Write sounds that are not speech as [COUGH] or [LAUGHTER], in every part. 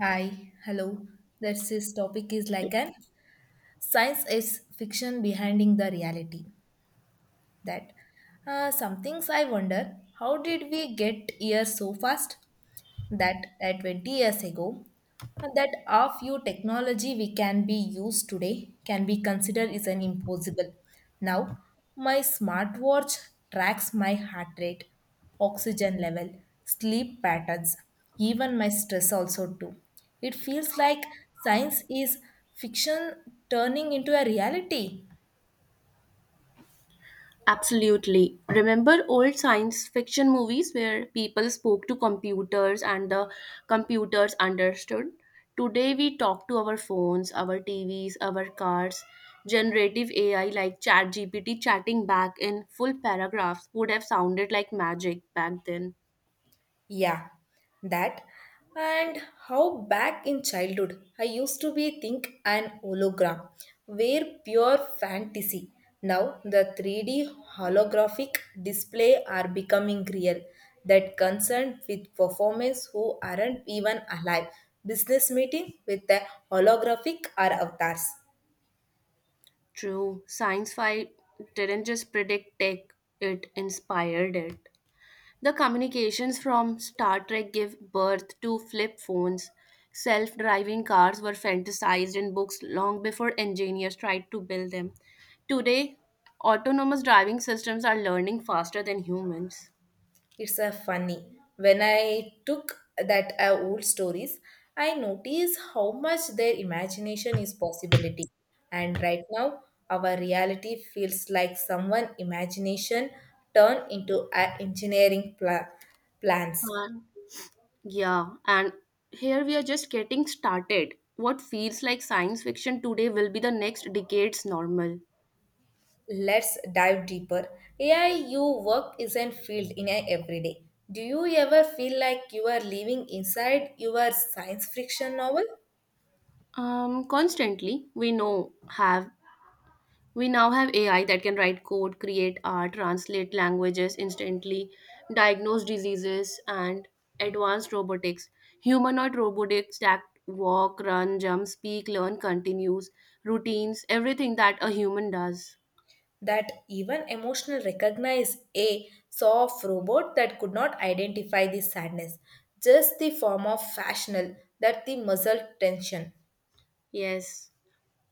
Hi, hello. That's this topic is like an science is fiction behinding the reality. That Some things I wonder, how did we get here so fast? That at 20 years ago, that our few technology we can be used today can be considered is an impossible. Now my smartwatch tracks my heart rate, oxygen level, sleep patterns, even my stress also too. It feels like science is fiction turning into a reality. Absolutely. Remember old science fiction movies where people spoke to computers and the computers understood? Today we talk to our phones, our TVs, our cars. Generative AI like ChatGPT chatting back in full paragraphs would have sounded like magic back then. Yeah, that. And how back in childhood, I used to be think an hologram, were pure fantasy. Now the 3D holographic display are becoming real. That concerned with performers who aren't even alive. Business meeting with the holographic are avatars. True, science fi didn't just predict tech, it inspired it. The communications from Star Trek give birth to flip phones. Self driving cars were fantasized in books long before engineers tried to build them. Today, autonomous driving systems are learning faster than humans. It's a funny. When I took that old stories, I noticed how much their imagination is possibility. And right now, our reality feels like someone imagination turned into a engineering plans. And yeah, and here we are just getting started. What feels like science fiction today will be the next decade's normal. Let's dive deeper. AI, you work isn't filled in a everyday. Do you ever feel like you are living inside your science fiction novel? Constantly, we now have AI that can write code, create art, translate languages instantly, diagnose diseases, and advanced robotics. Humanoid robotics that walk, run, jump, speak, learn, continues, routines, everything that a human does. That even emotional recognize a soft robot that could not identify the sadness, just the form of fashional that the muscle tension. Yes,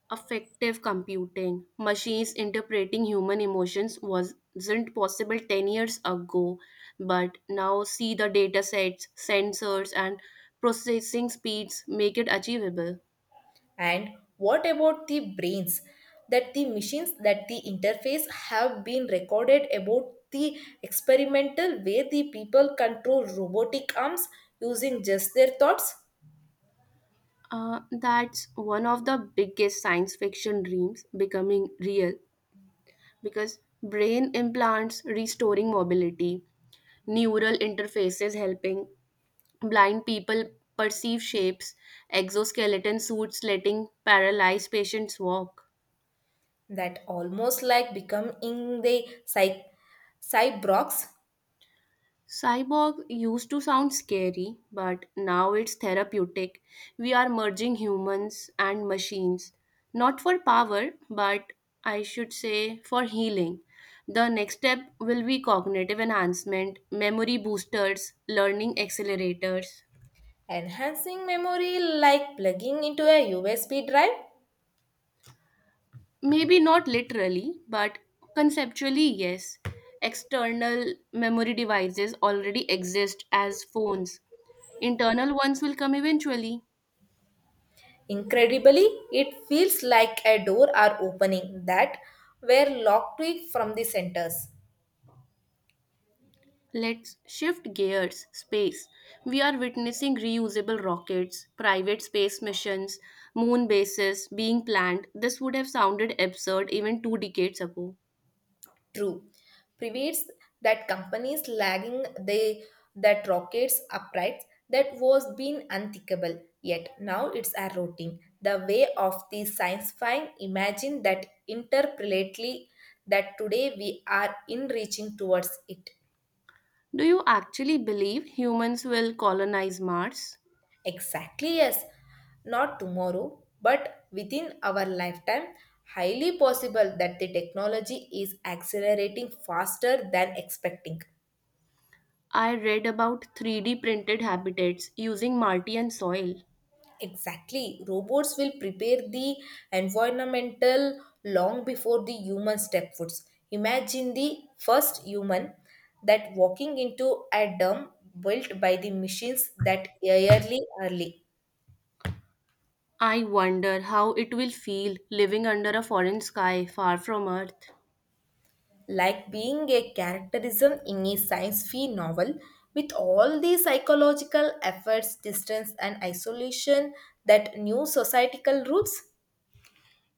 affective computing. Machines interpreting human emotions wasn't possible 10 years ago, but now see the datasets, sensors, and processing speeds make it achievable. And what about the brains, that the machines, that the interface have been recorded about the experimental where the people control robotic arms using just their thoughts? That's one of the biggest science fiction dreams becoming real because brain implants restoring mobility, neural interfaces helping blind people perceive shapes, exoskeleton suits letting paralyzed patients walk. That almost like becoming the psych cyborgs. Cyborg used to sound scary, but now it's therapeutic. We are merging humans and machines, not for power, but I should say for healing. The next step will be cognitive enhancement, memory boosters, learning accelerators. Enhancing memory like plugging into a USB drive. Maybe not literally, but conceptually, yes. External memory devices already exist as phones, internal ones will come eventually. Incredibly, it feels like a door are opening that were locked to it from the centers. Let's shift gears space. We are witnessing reusable rockets, private space missions, moon bases being planned. This would have sounded absurd even two decades ago. True, prevates that companies lagging they, that rockets uprights that was been unthinkable. Yet now it's a routine. The way of the science find imagine that interprelately, that today we are in reaching towards it. Do you actually believe humans will colonize Mars? Exactly, yes. Not tomorrow, but within our lifetime, highly possible that the technology is accelerating faster than expecting. I read about 3D printed habitats using Martian soil. Exactly, robots will prepare the environmental long before the human step foots. Imagine the first human that walking into a dome built by the machines that yearly early. I wonder how it will feel living under a foreign sky far from Earth. Like being a characterism in a science fiction novel with all the psychological efforts distance and isolation, that new societal roots.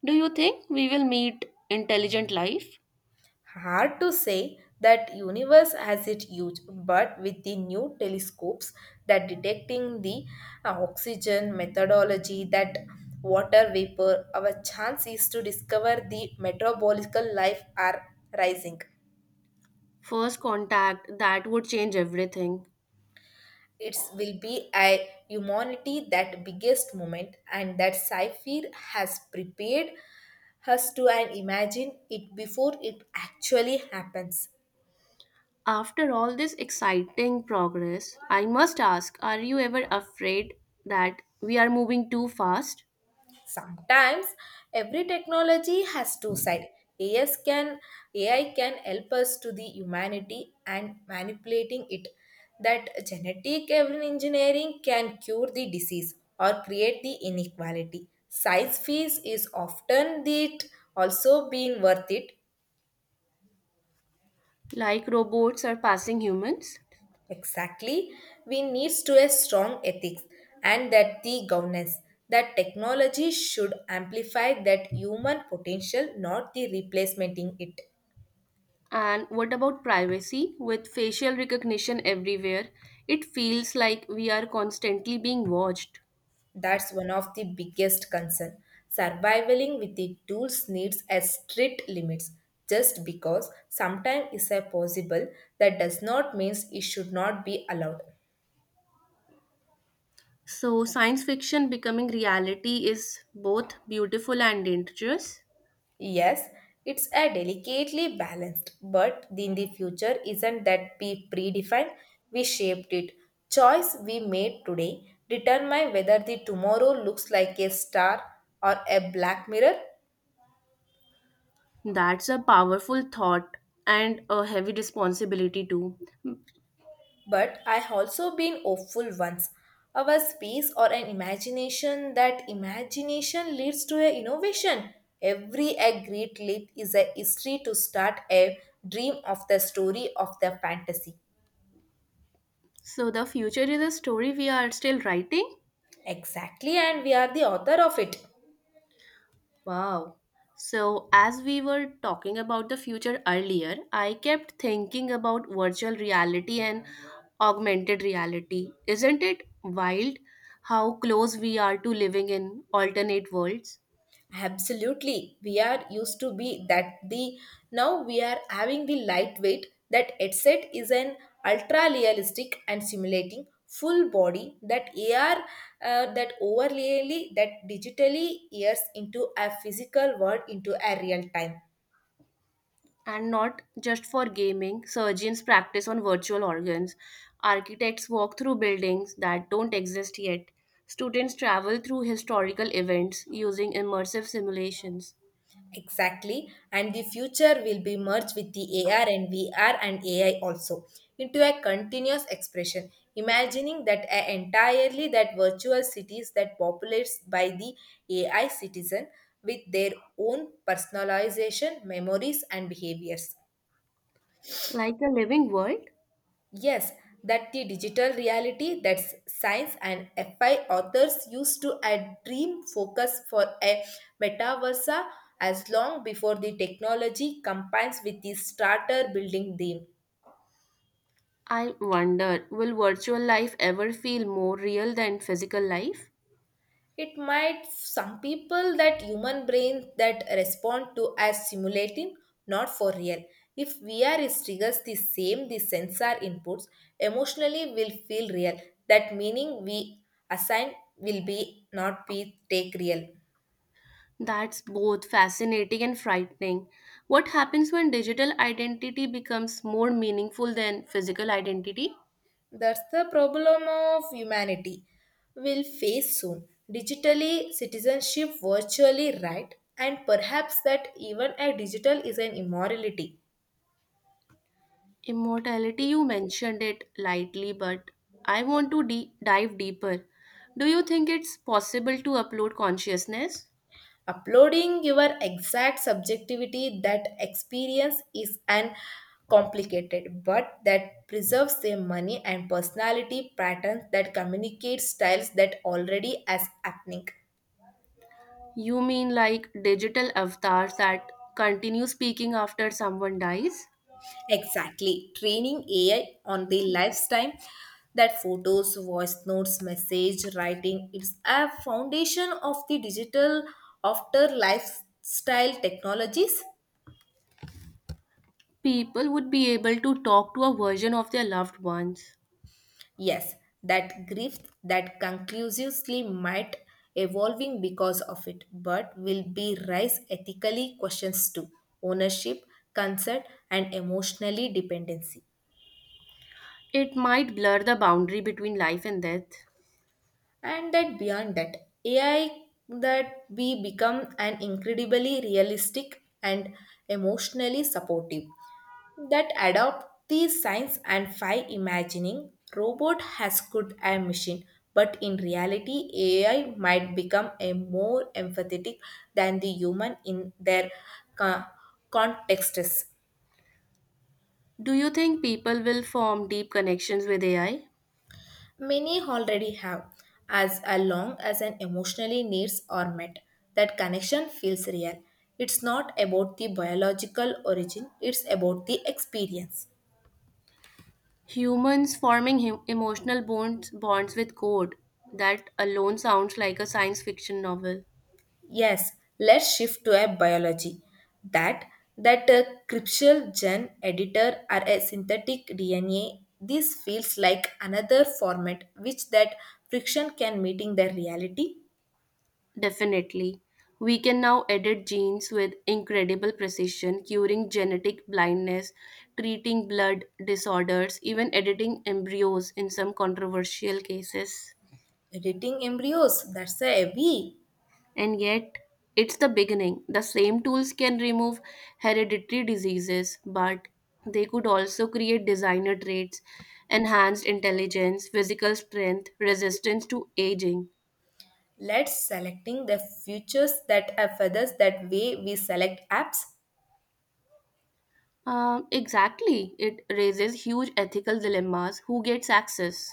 Do you think we will meet intelligent life? Hard to say that universe has its huge, but with the new telescopes that detecting the oxygen methodology, that water vapor, our chances to discover the metabolical life are rising. First contact that would change everything. It will be a humanity that biggest moment, and that Saifir has prepared us to and imagine it before it actually happens. After all this exciting progress, I must ask, are you ever afraid that we are moving too fast, Sometimes every technology has two sides. As can ai can help us to the humanity and manipulating it, that genetic engineering can cure the disease or create the inequality size fees is often it, also being worth it. like robots are passing humans? Exactly, we needs to a strong ethics and that the governance, that technology should amplify that human potential, not the replacement in it. And what about privacy? With facial recognition everywhere, it feels like we are constantly being watched. That's one of the biggest concern. Surviving with the tools needs a strict limits. Just because sometime is a possible, that does not means it should not be allowed. So, science fiction becoming reality is both beautiful and dangerous. Yes, it's a delicately balanced, but in the future isn't that be predefined. We shaped it. Choice we made today determine whether the tomorrow looks like a star or a black mirror. That's a powerful thought and a heavy responsibility too. But I also been hopeful once. Our space or an imagination, that imagination leads to an innovation. Every a great leap is a history to start a dream of the story of the fantasy. So, the future is a story we are still writing? Exactly, and we are the author of it. Wow. So, as we were talking about the future earlier, I kept thinking about virtual reality and augmented reality. Isn't it wild how close we are to living in alternate worlds? Absolutely. We are used to be that the now we are having the lightweight, that headset is an ultra realistic and simulating full body that AR, that overlayly that digitally ears into a physical world into a real time. And not just for gaming, surgeons practice on virtual organs, architects walk through buildings that don't exist yet, students travel through historical events using immersive simulations. Exactly, and the future will be merged with the AR and VR and AI also into a continuous expression, imagining that a entirely that virtual cities that populates by the AI citizen with their own personalization, memories, and behaviors. Like a living world? Yes, that the digital reality, that's science and FI authors used to a dream focus for a metaversa as long before the technology combines with the starter building theme. I wonder, will virtual life ever feel more real than physical life? It might, some people that human brain that respond to as simulating, not for real. If VR is triggers the same the sensor inputs, emotionally will feel real. That meaning we assign will be not be take real. That's both fascinating and frightening. What happens when digital identity becomes more meaningful than physical identity? That's the problem of humanity will face soon. Digitally, citizenship virtually right, and perhaps that even a digital is an immorality. Immortality, you mentioned it lightly, but I want to dive deeper. Do you think it's possible to upload consciousness? Uploading your exact subjectivity that experience is an complicated, but that preserves their money and personality patterns, that communicate styles that already as happening. You mean like digital avatars that continue speaking after someone dies? Exactly. Training AI on the lifetime, that photos, voice notes, message, writing, it's a foundation of the digital after lifestyle technologies. People would be able to talk to a version of their loved ones. Yes, that grief that conclusively might evolving because of it, but will be rise ethically questions too. Ownership, consent, and emotionally dependency. It might blur the boundary between life and death. And that beyond that ai, that we become an incredibly realistic and emotionally supportive, that adopt these signs and five imagining robot has could a machine, but in reality ai might become a more empathetic than the human in their co- contexts. Do you think people will form deep connections with AI? Many already have, as long as an emotionally needs are met, that connection feels real. It's not about the biological origin, it's about the experience. Humans forming him emotional bonds with code. That alone sounds like a science fiction novel. Yes, let's shift to a biology. That that a cryptial gene editor or a synthetic DNA, this feels like another format which that friction can meeting the reality. Definitely. We can now edit genes with incredible precision, curing genetic blindness, treating blood disorders, even editing embryos in some controversial cases. Editing embryos, that's a heavy. And yet, it's the beginning. The same tools can remove hereditary diseases, but they could also create designer traits, enhanced intelligence, physical strength, resistance to aging. Let's selecting the futures that are feathers, that way we select apps. Exactly. It raises huge ethical dilemmas. Who gets access?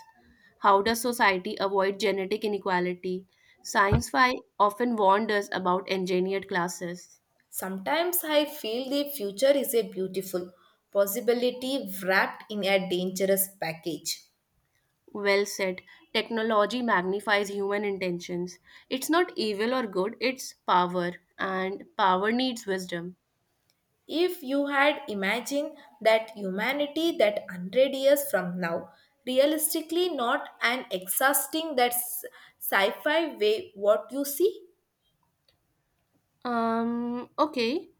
How does society avoid genetic inequality? Science fi often warned us about engineered classes. Sometimes I feel the future is a beautiful possibility wrapped in a dangerous package. Well said. Technology magnifies human intentions. It's not evil or good, it's power, and power needs wisdom. If you had imagined that humanity that 100 years from now, realistically, not an exhausting that sci-fi way, what you see? Okay.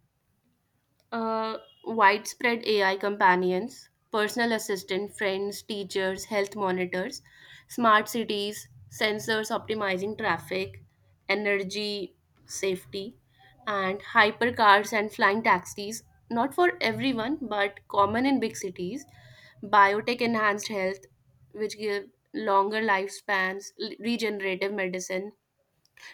Uh, Widespread AI companions, personal assistant, friends, teachers, health monitors, smart cities, sensors optimizing traffic, energy, safety, and hypercars and flying taxis. Not for everyone, but common in big cities. Biotech enhanced health, which give longer lifespans, regenerative medicine,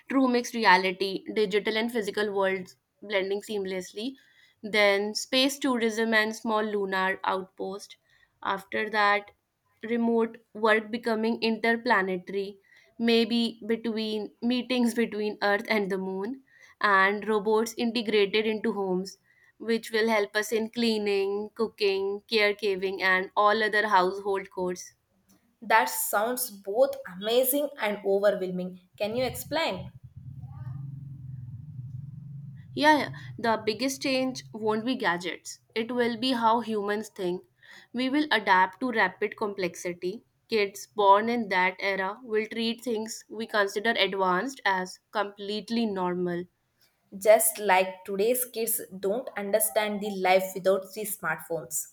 true mixed reality, digital and physical worlds blending seamlessly. Then space tourism and small lunar outpost. After that, remote work becoming interplanetary, maybe between meetings between Earth and the Moon, and robots integrated into homes, which will help us in cleaning, cooking, caregiving, and all other household chores. That sounds both amazing and overwhelming, can you explain? Yeah, yeah, the biggest change won't be gadgets. It will be how humans think. We will adapt to rapid complexity. Kids born in that era will treat things we consider advanced as completely normal. Just like today's kids don't understand the life without the smartphones.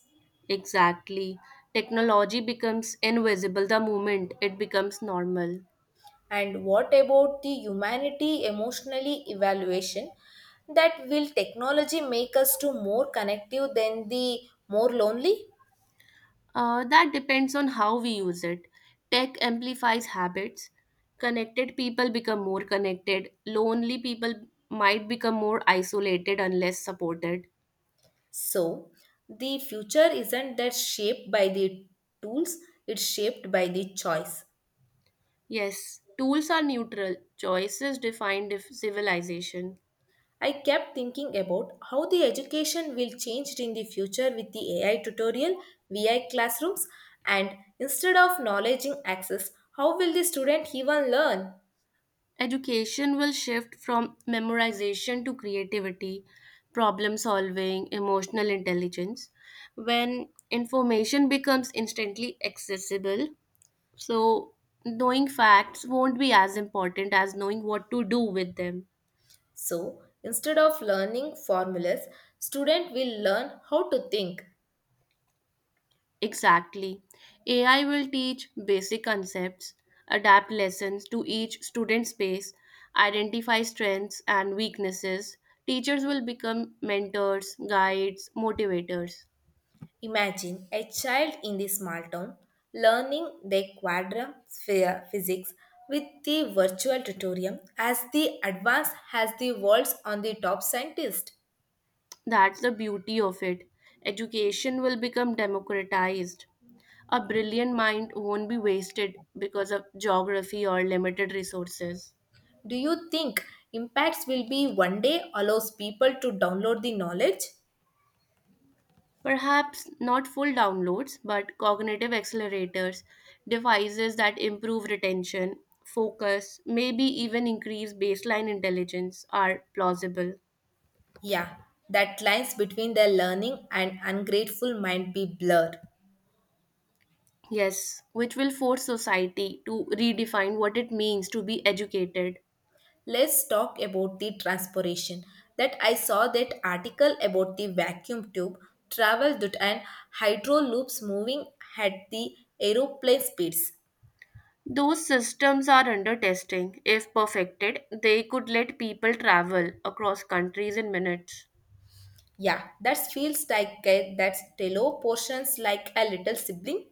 Exactly. Technology becomes invisible the moment it becomes normal. And what about the humanity emotionally evaluation, that will technology make us to more connective than the more lonely? That depends on how we use it. Tech amplifies habits. Connected people become more connected. Lonely people might become more isolated unless supported. So the future isn't that shaped by the tools, it's shaped by the choice. Yes, tools are neutral. Choices define civilization. I kept thinking about how the education will change in the future with the AI tutorial, VI classrooms, and instead of knowledge in access, how will the student even learn? Education will shift from memorization to creativity, problem solving, emotional intelligence. When information becomes instantly accessible, So, knowing facts won't be as important as knowing what to do with them. So, instead of learning formulas, student will learn how to think. Exactly. AI will teach basic concepts, adapt lessons to each student's pace, identify strengths and weaknesses. Teachers will become mentors, guides, motivators. Imagine a child in the small town learning the quadram sphere physics with the virtual tutorial as the advance has the world's on the top scientist. That's the beauty of it. Education will become democratized. A brilliant mind won't be wasted because of geography or limited resources. Do you think impacts will be one day allows people to download the knowledge? Perhaps not full downloads, but cognitive accelerators, devices that improve retention, focus, maybe even increase baseline intelligence are plausible. Yeah, that lines between their learning and ungrateful might be blurred. Yes, which will force society to redefine what it means to be educated. Let's talk about the transpiration. That I saw that article about the vacuum tube travel, that and hydro loops moving at the aeroplane speeds. Those systems are under testing. If perfected, they could let people travel across countries in minutes. Yeah, that feels like that's tello portions like a little sibling.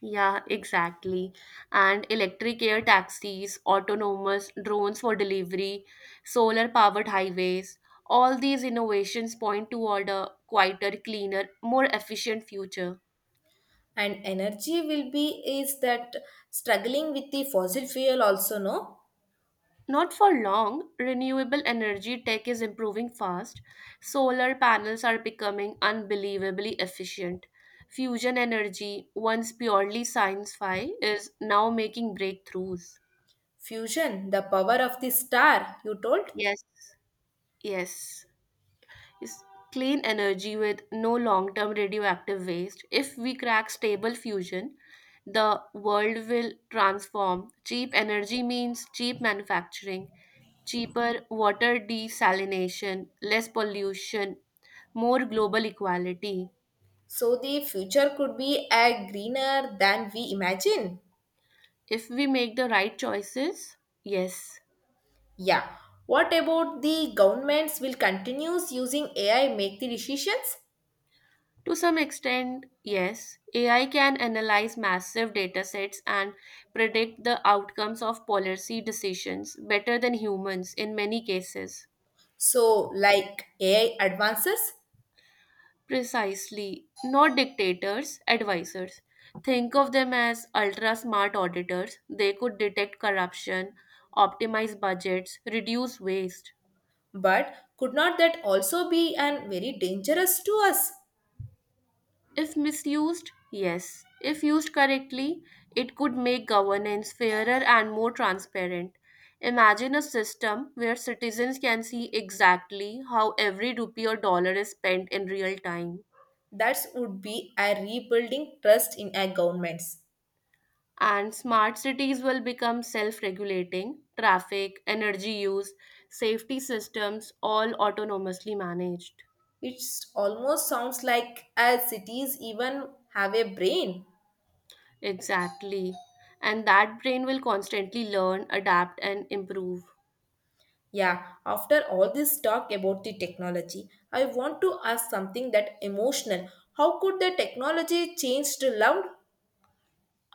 Yeah, exactly. And electric air taxis, autonomous drones for delivery, solar powered highways, all these innovations point toward a quieter, cleaner, more efficient future. And energy will be is that struggling with the fossil fuel also, no? Not for long, renewable energy tech is improving fast. Solar panels are becoming unbelievably efficient. Fusion energy, once purely science fi, is now making breakthroughs. Fusion, the power of the star you told. Yes, yes, is clean energy with no long term radioactive waste. If we crack stable fusion, the world will transform. Cheap energy means cheap manufacturing, cheaper water desalination, less pollution, more global equality. So the future could be a greener than we imagine. If we make the right choices, yes. Yeah, what about the governments will continues using ai make the decisions? To some extent, yes, AI can analyze massive datasets and predict the outcomes of policy decisions better than humans in many cases. So like ai advances. Precisely, not dictators, advisors. Think of them as ultra smart auditors. They could detect corruption, optimize budgets, reduce waste. But could not that also be an very dangerous to us? If misused, yes. If used correctly, it could make governance fairer and more transparent. Imagine a system where citizens can see exactly how every rupee or dollar is spent in real time. That would be a rebuilding trust in our governments. And smart cities will become self regulating, traffic, energy use, safety systems, all autonomously managed. It almost sounds like as cities even have a brain. Exactly. And that brain will constantly learn, adapt, and improve. Yeah, after all this talk about the technology, I want to ask something that emotional. How could the technology change to love?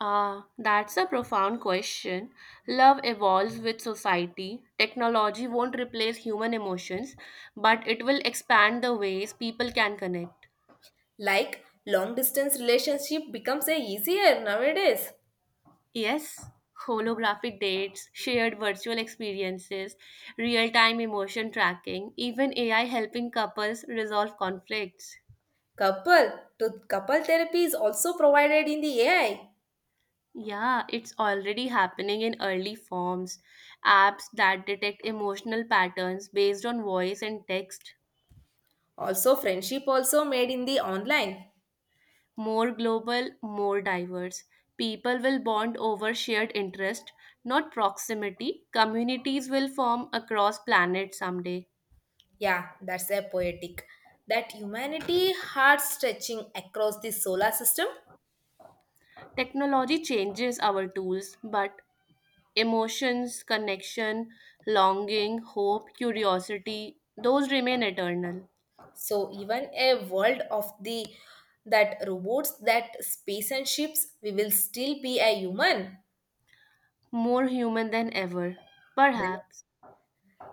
Ah, that's a profound question. Love evolves with society. Technology won't replace human emotions, but it will expand the ways people can connect. Like long distance relationship becomes a easier nowadays. Yes, holographic dates, shared virtual experiences, real time emotion tracking, even AI helping couples resolve conflicts. Couple to couple therapy is also provided in the AI. Yeah, it's already happening in early forms. Apps that detect emotional patterns based on voice and text, Also friendship also made in the online. more global, more diverse. People will bond over shared interest, not proximity. Communities will form across planets someday. Yeah, that's a poetic. That humanity heart stretching across the solar system. Technology changes our tools, but emotions, connection, longing, hope, curiosity, those remain eternal, So even a world of the that robots, that space and ships, we will still be a human. more human than ever, That, perhaps.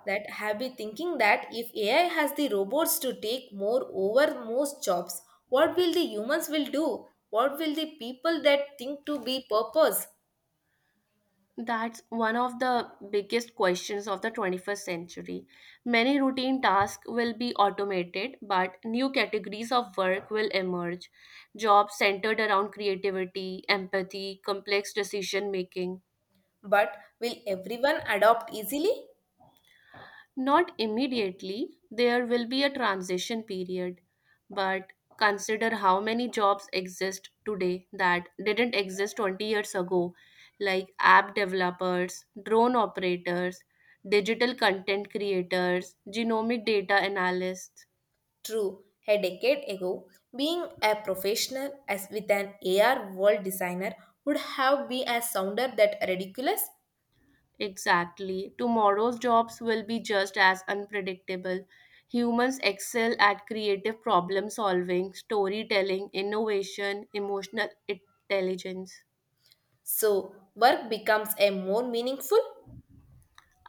that have been thinking that if AI has the robots to take more over most jobs, what will the humans will do? What will the people that think to be purpose? That's one of the biggest questions of the 21st century. Many routine tasks will be automated, but new categories of work will emerge. Jobs centered around creativity, empathy, complex decision making. But will everyone adopt easily? Not immediately, there will be a transition period, but consider how many jobs exist today that didn't exist 20 years ago, like app developers, drone operators, digital content creators, genomic data analysts. True, a decade ago, being a professional as with an AR world designer would have been a sounder that ridiculous. Exactly. Tomorrow's jobs will be just as unpredictable. Humans excel at creative problem solving, storytelling, innovation, emotional intelligence. So, work becomes a more meaningful.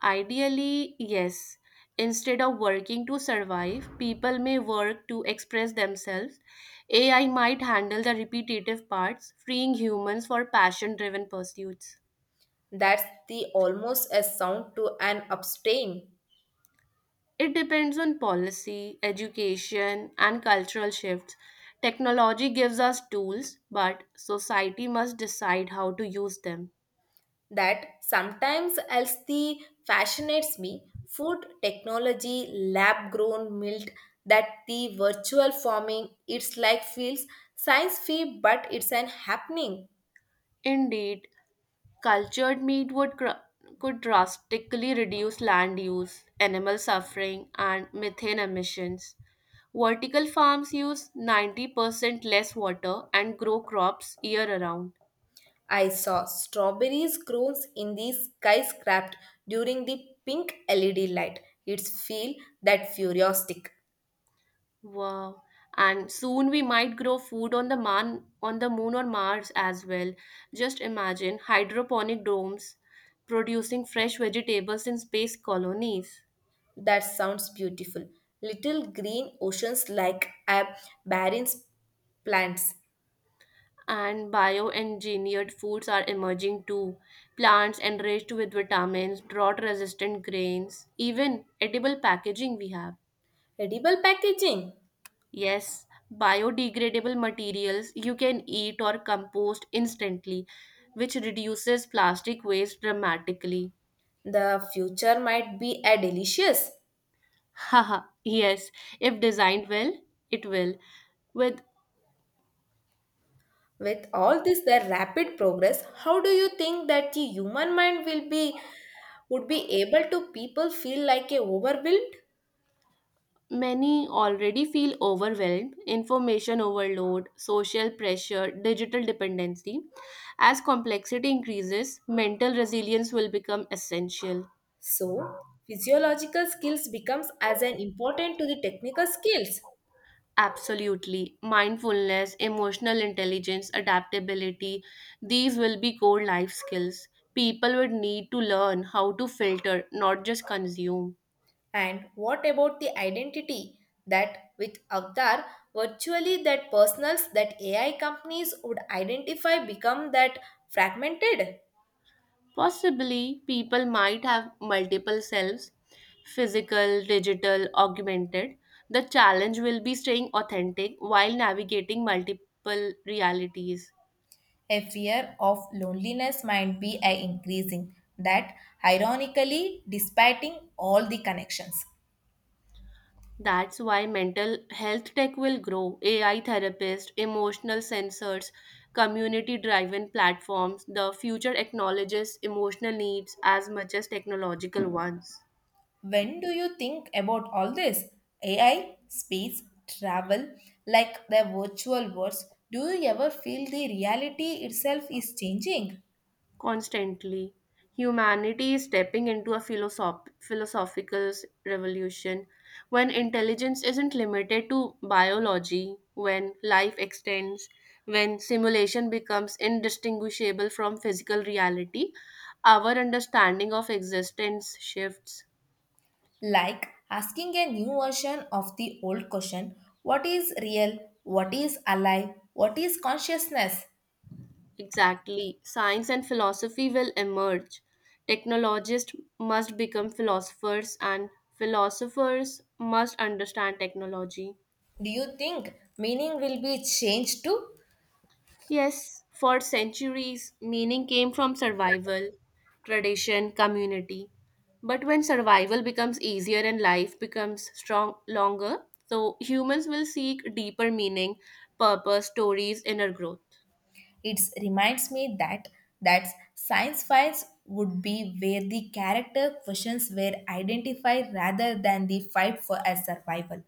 Ideally, yes. Instead of working to survive, people may work to express themselves. AI might handle the repetitive parts, freeing humans for passion driven pursuits. That's the almost a sound to an abstain. It depends on policy, education, and cultural shifts. Technology gives us tools, but society must decide how to use them. That sometimes else the fascinates me. Food technology, lab grown milk, that the virtual farming, it's like feels science fee, but it's an happening. Indeed, cultured meat would could drastically reduce land use, animal suffering, and methane emissions. Vertical farms use 90% less water and grow crops year around. I saw strawberries grows in the skyscraper during the pink LED light. It's feel that futuristic. Wow. And soon we might grow food on the moon or Mars as well. Just imagine hydroponic domes producing fresh vegetables in space colonies. That sounds beautiful. Little green oceans like a barren plants. And bioengineered foods are emerging too. Plants enriched with vitamins, drought resistant grains, even edible packaging we have. Edible packaging. Yes, biodegradable materials you can eat or compost instantly, which reduces plastic waste dramatically. The future might be a delicious. [LAUGHS] Haha, yes, if designed well, it will. With With all this the rapid progress, how do you think that the human mind will be would be able to people feel like a overwhelmed? Many already feel overwhelmed, information overload, social pressure, digital dependency. As complexity increases, mental resilience will become essential. So, physiological skills becomes as an important to the technical skills. Absolutely. Mindfulness, emotional intelligence, adaptability, these will be core life skills. People would need to learn how to filter, not just consume. And what about the identity? That with Avtar, virtually that personals that AI companies would identify become that fragmented. Possibly, people might have multiple selves, physical, digital, augmented. The challenge will be staying authentic while navigating multiple realities. A fear of loneliness might be a increasing that ironically despite all the connections. That's why mental health tech will grow. AI therapists, emotional sensors, community driven platforms. The future acknowledges emotional needs as much as technological ones. When do you think about all this? AI, space, travel, like the virtual worlds, do you ever feel the reality itself is changing? Constantly, humanity is stepping into a philosophical revolution when intelligence isn't limited to biology, when life extends, when simulation becomes indistinguishable from physical reality. Our understanding of existence shifts. Like asking a new version of the old question, what is real? What is alive? What is consciousness? Exactly. Science and philosophy will emerge. Technologists must become philosophers, and philosophers must understand technology. Do you think meaning will be changed too? Yes, for centuries, meaning came from survival, tradition, community. But when survival becomes easier and life becomes strong longer, so humans will seek deeper meaning, purpose, stories, inner growth. It reminds me that that science files would be where the character questions were identified rather than the fight for a survival.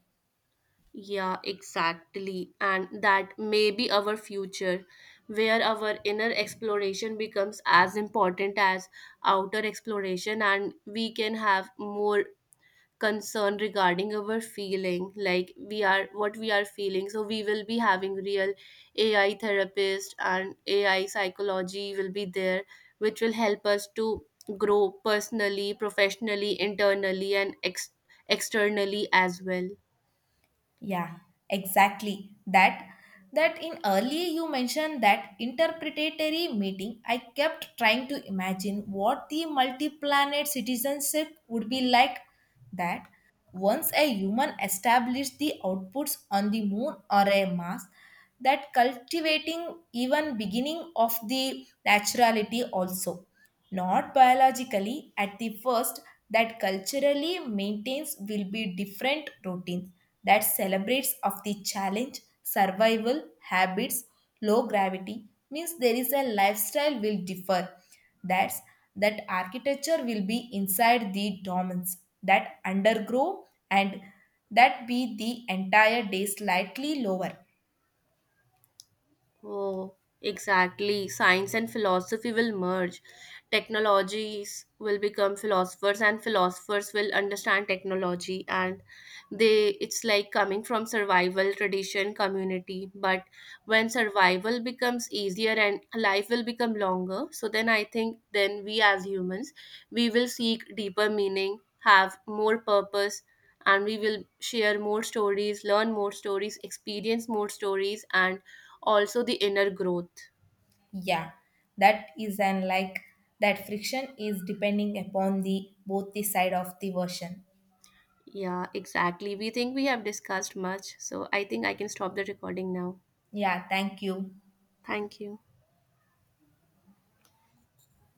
Yeah, exactly. And that may be our future, where our inner exploration becomes as important as outer exploration, and we can have more concern regarding our feeling like we are what we are feeling, so we will be having real AI therapist and AI psychology will be there, which will help us to grow personally, professionally, internally, and externally as well. Yeah, exactly. That in early you mentioned that interpretatory meeting, I kept trying to imagine what the multi-planet citizenship would be like. That once a human established the outputs on the moon or a Mars, that cultivating even beginning of the naturality also, not biologically at the first, that culturally maintains will be different routines, that celebrates of the challenge survival habits. Low gravity means there is a lifestyle will differ. That's that architecture will be inside the dormants, that undergrow, and that be the entire day slightly lower. Oh, exactly. Science and philosophy will merge. Technologies will become philosophers, and philosophers will understand technology. And they, it's like coming from survival, tradition, community. But when survival becomes easier and life will become longer, so then I think then we as humans, we will seek deeper meaning, have more purpose, and we will share more stories, learn more stories, experience more stories, and also the inner growth. Yeah, that is, and like that friction is depending upon the both the side of the version. Yeah, exactly. We think we have discussed much, so I think I can stop the recording now. Yeah, thank you. Thank you.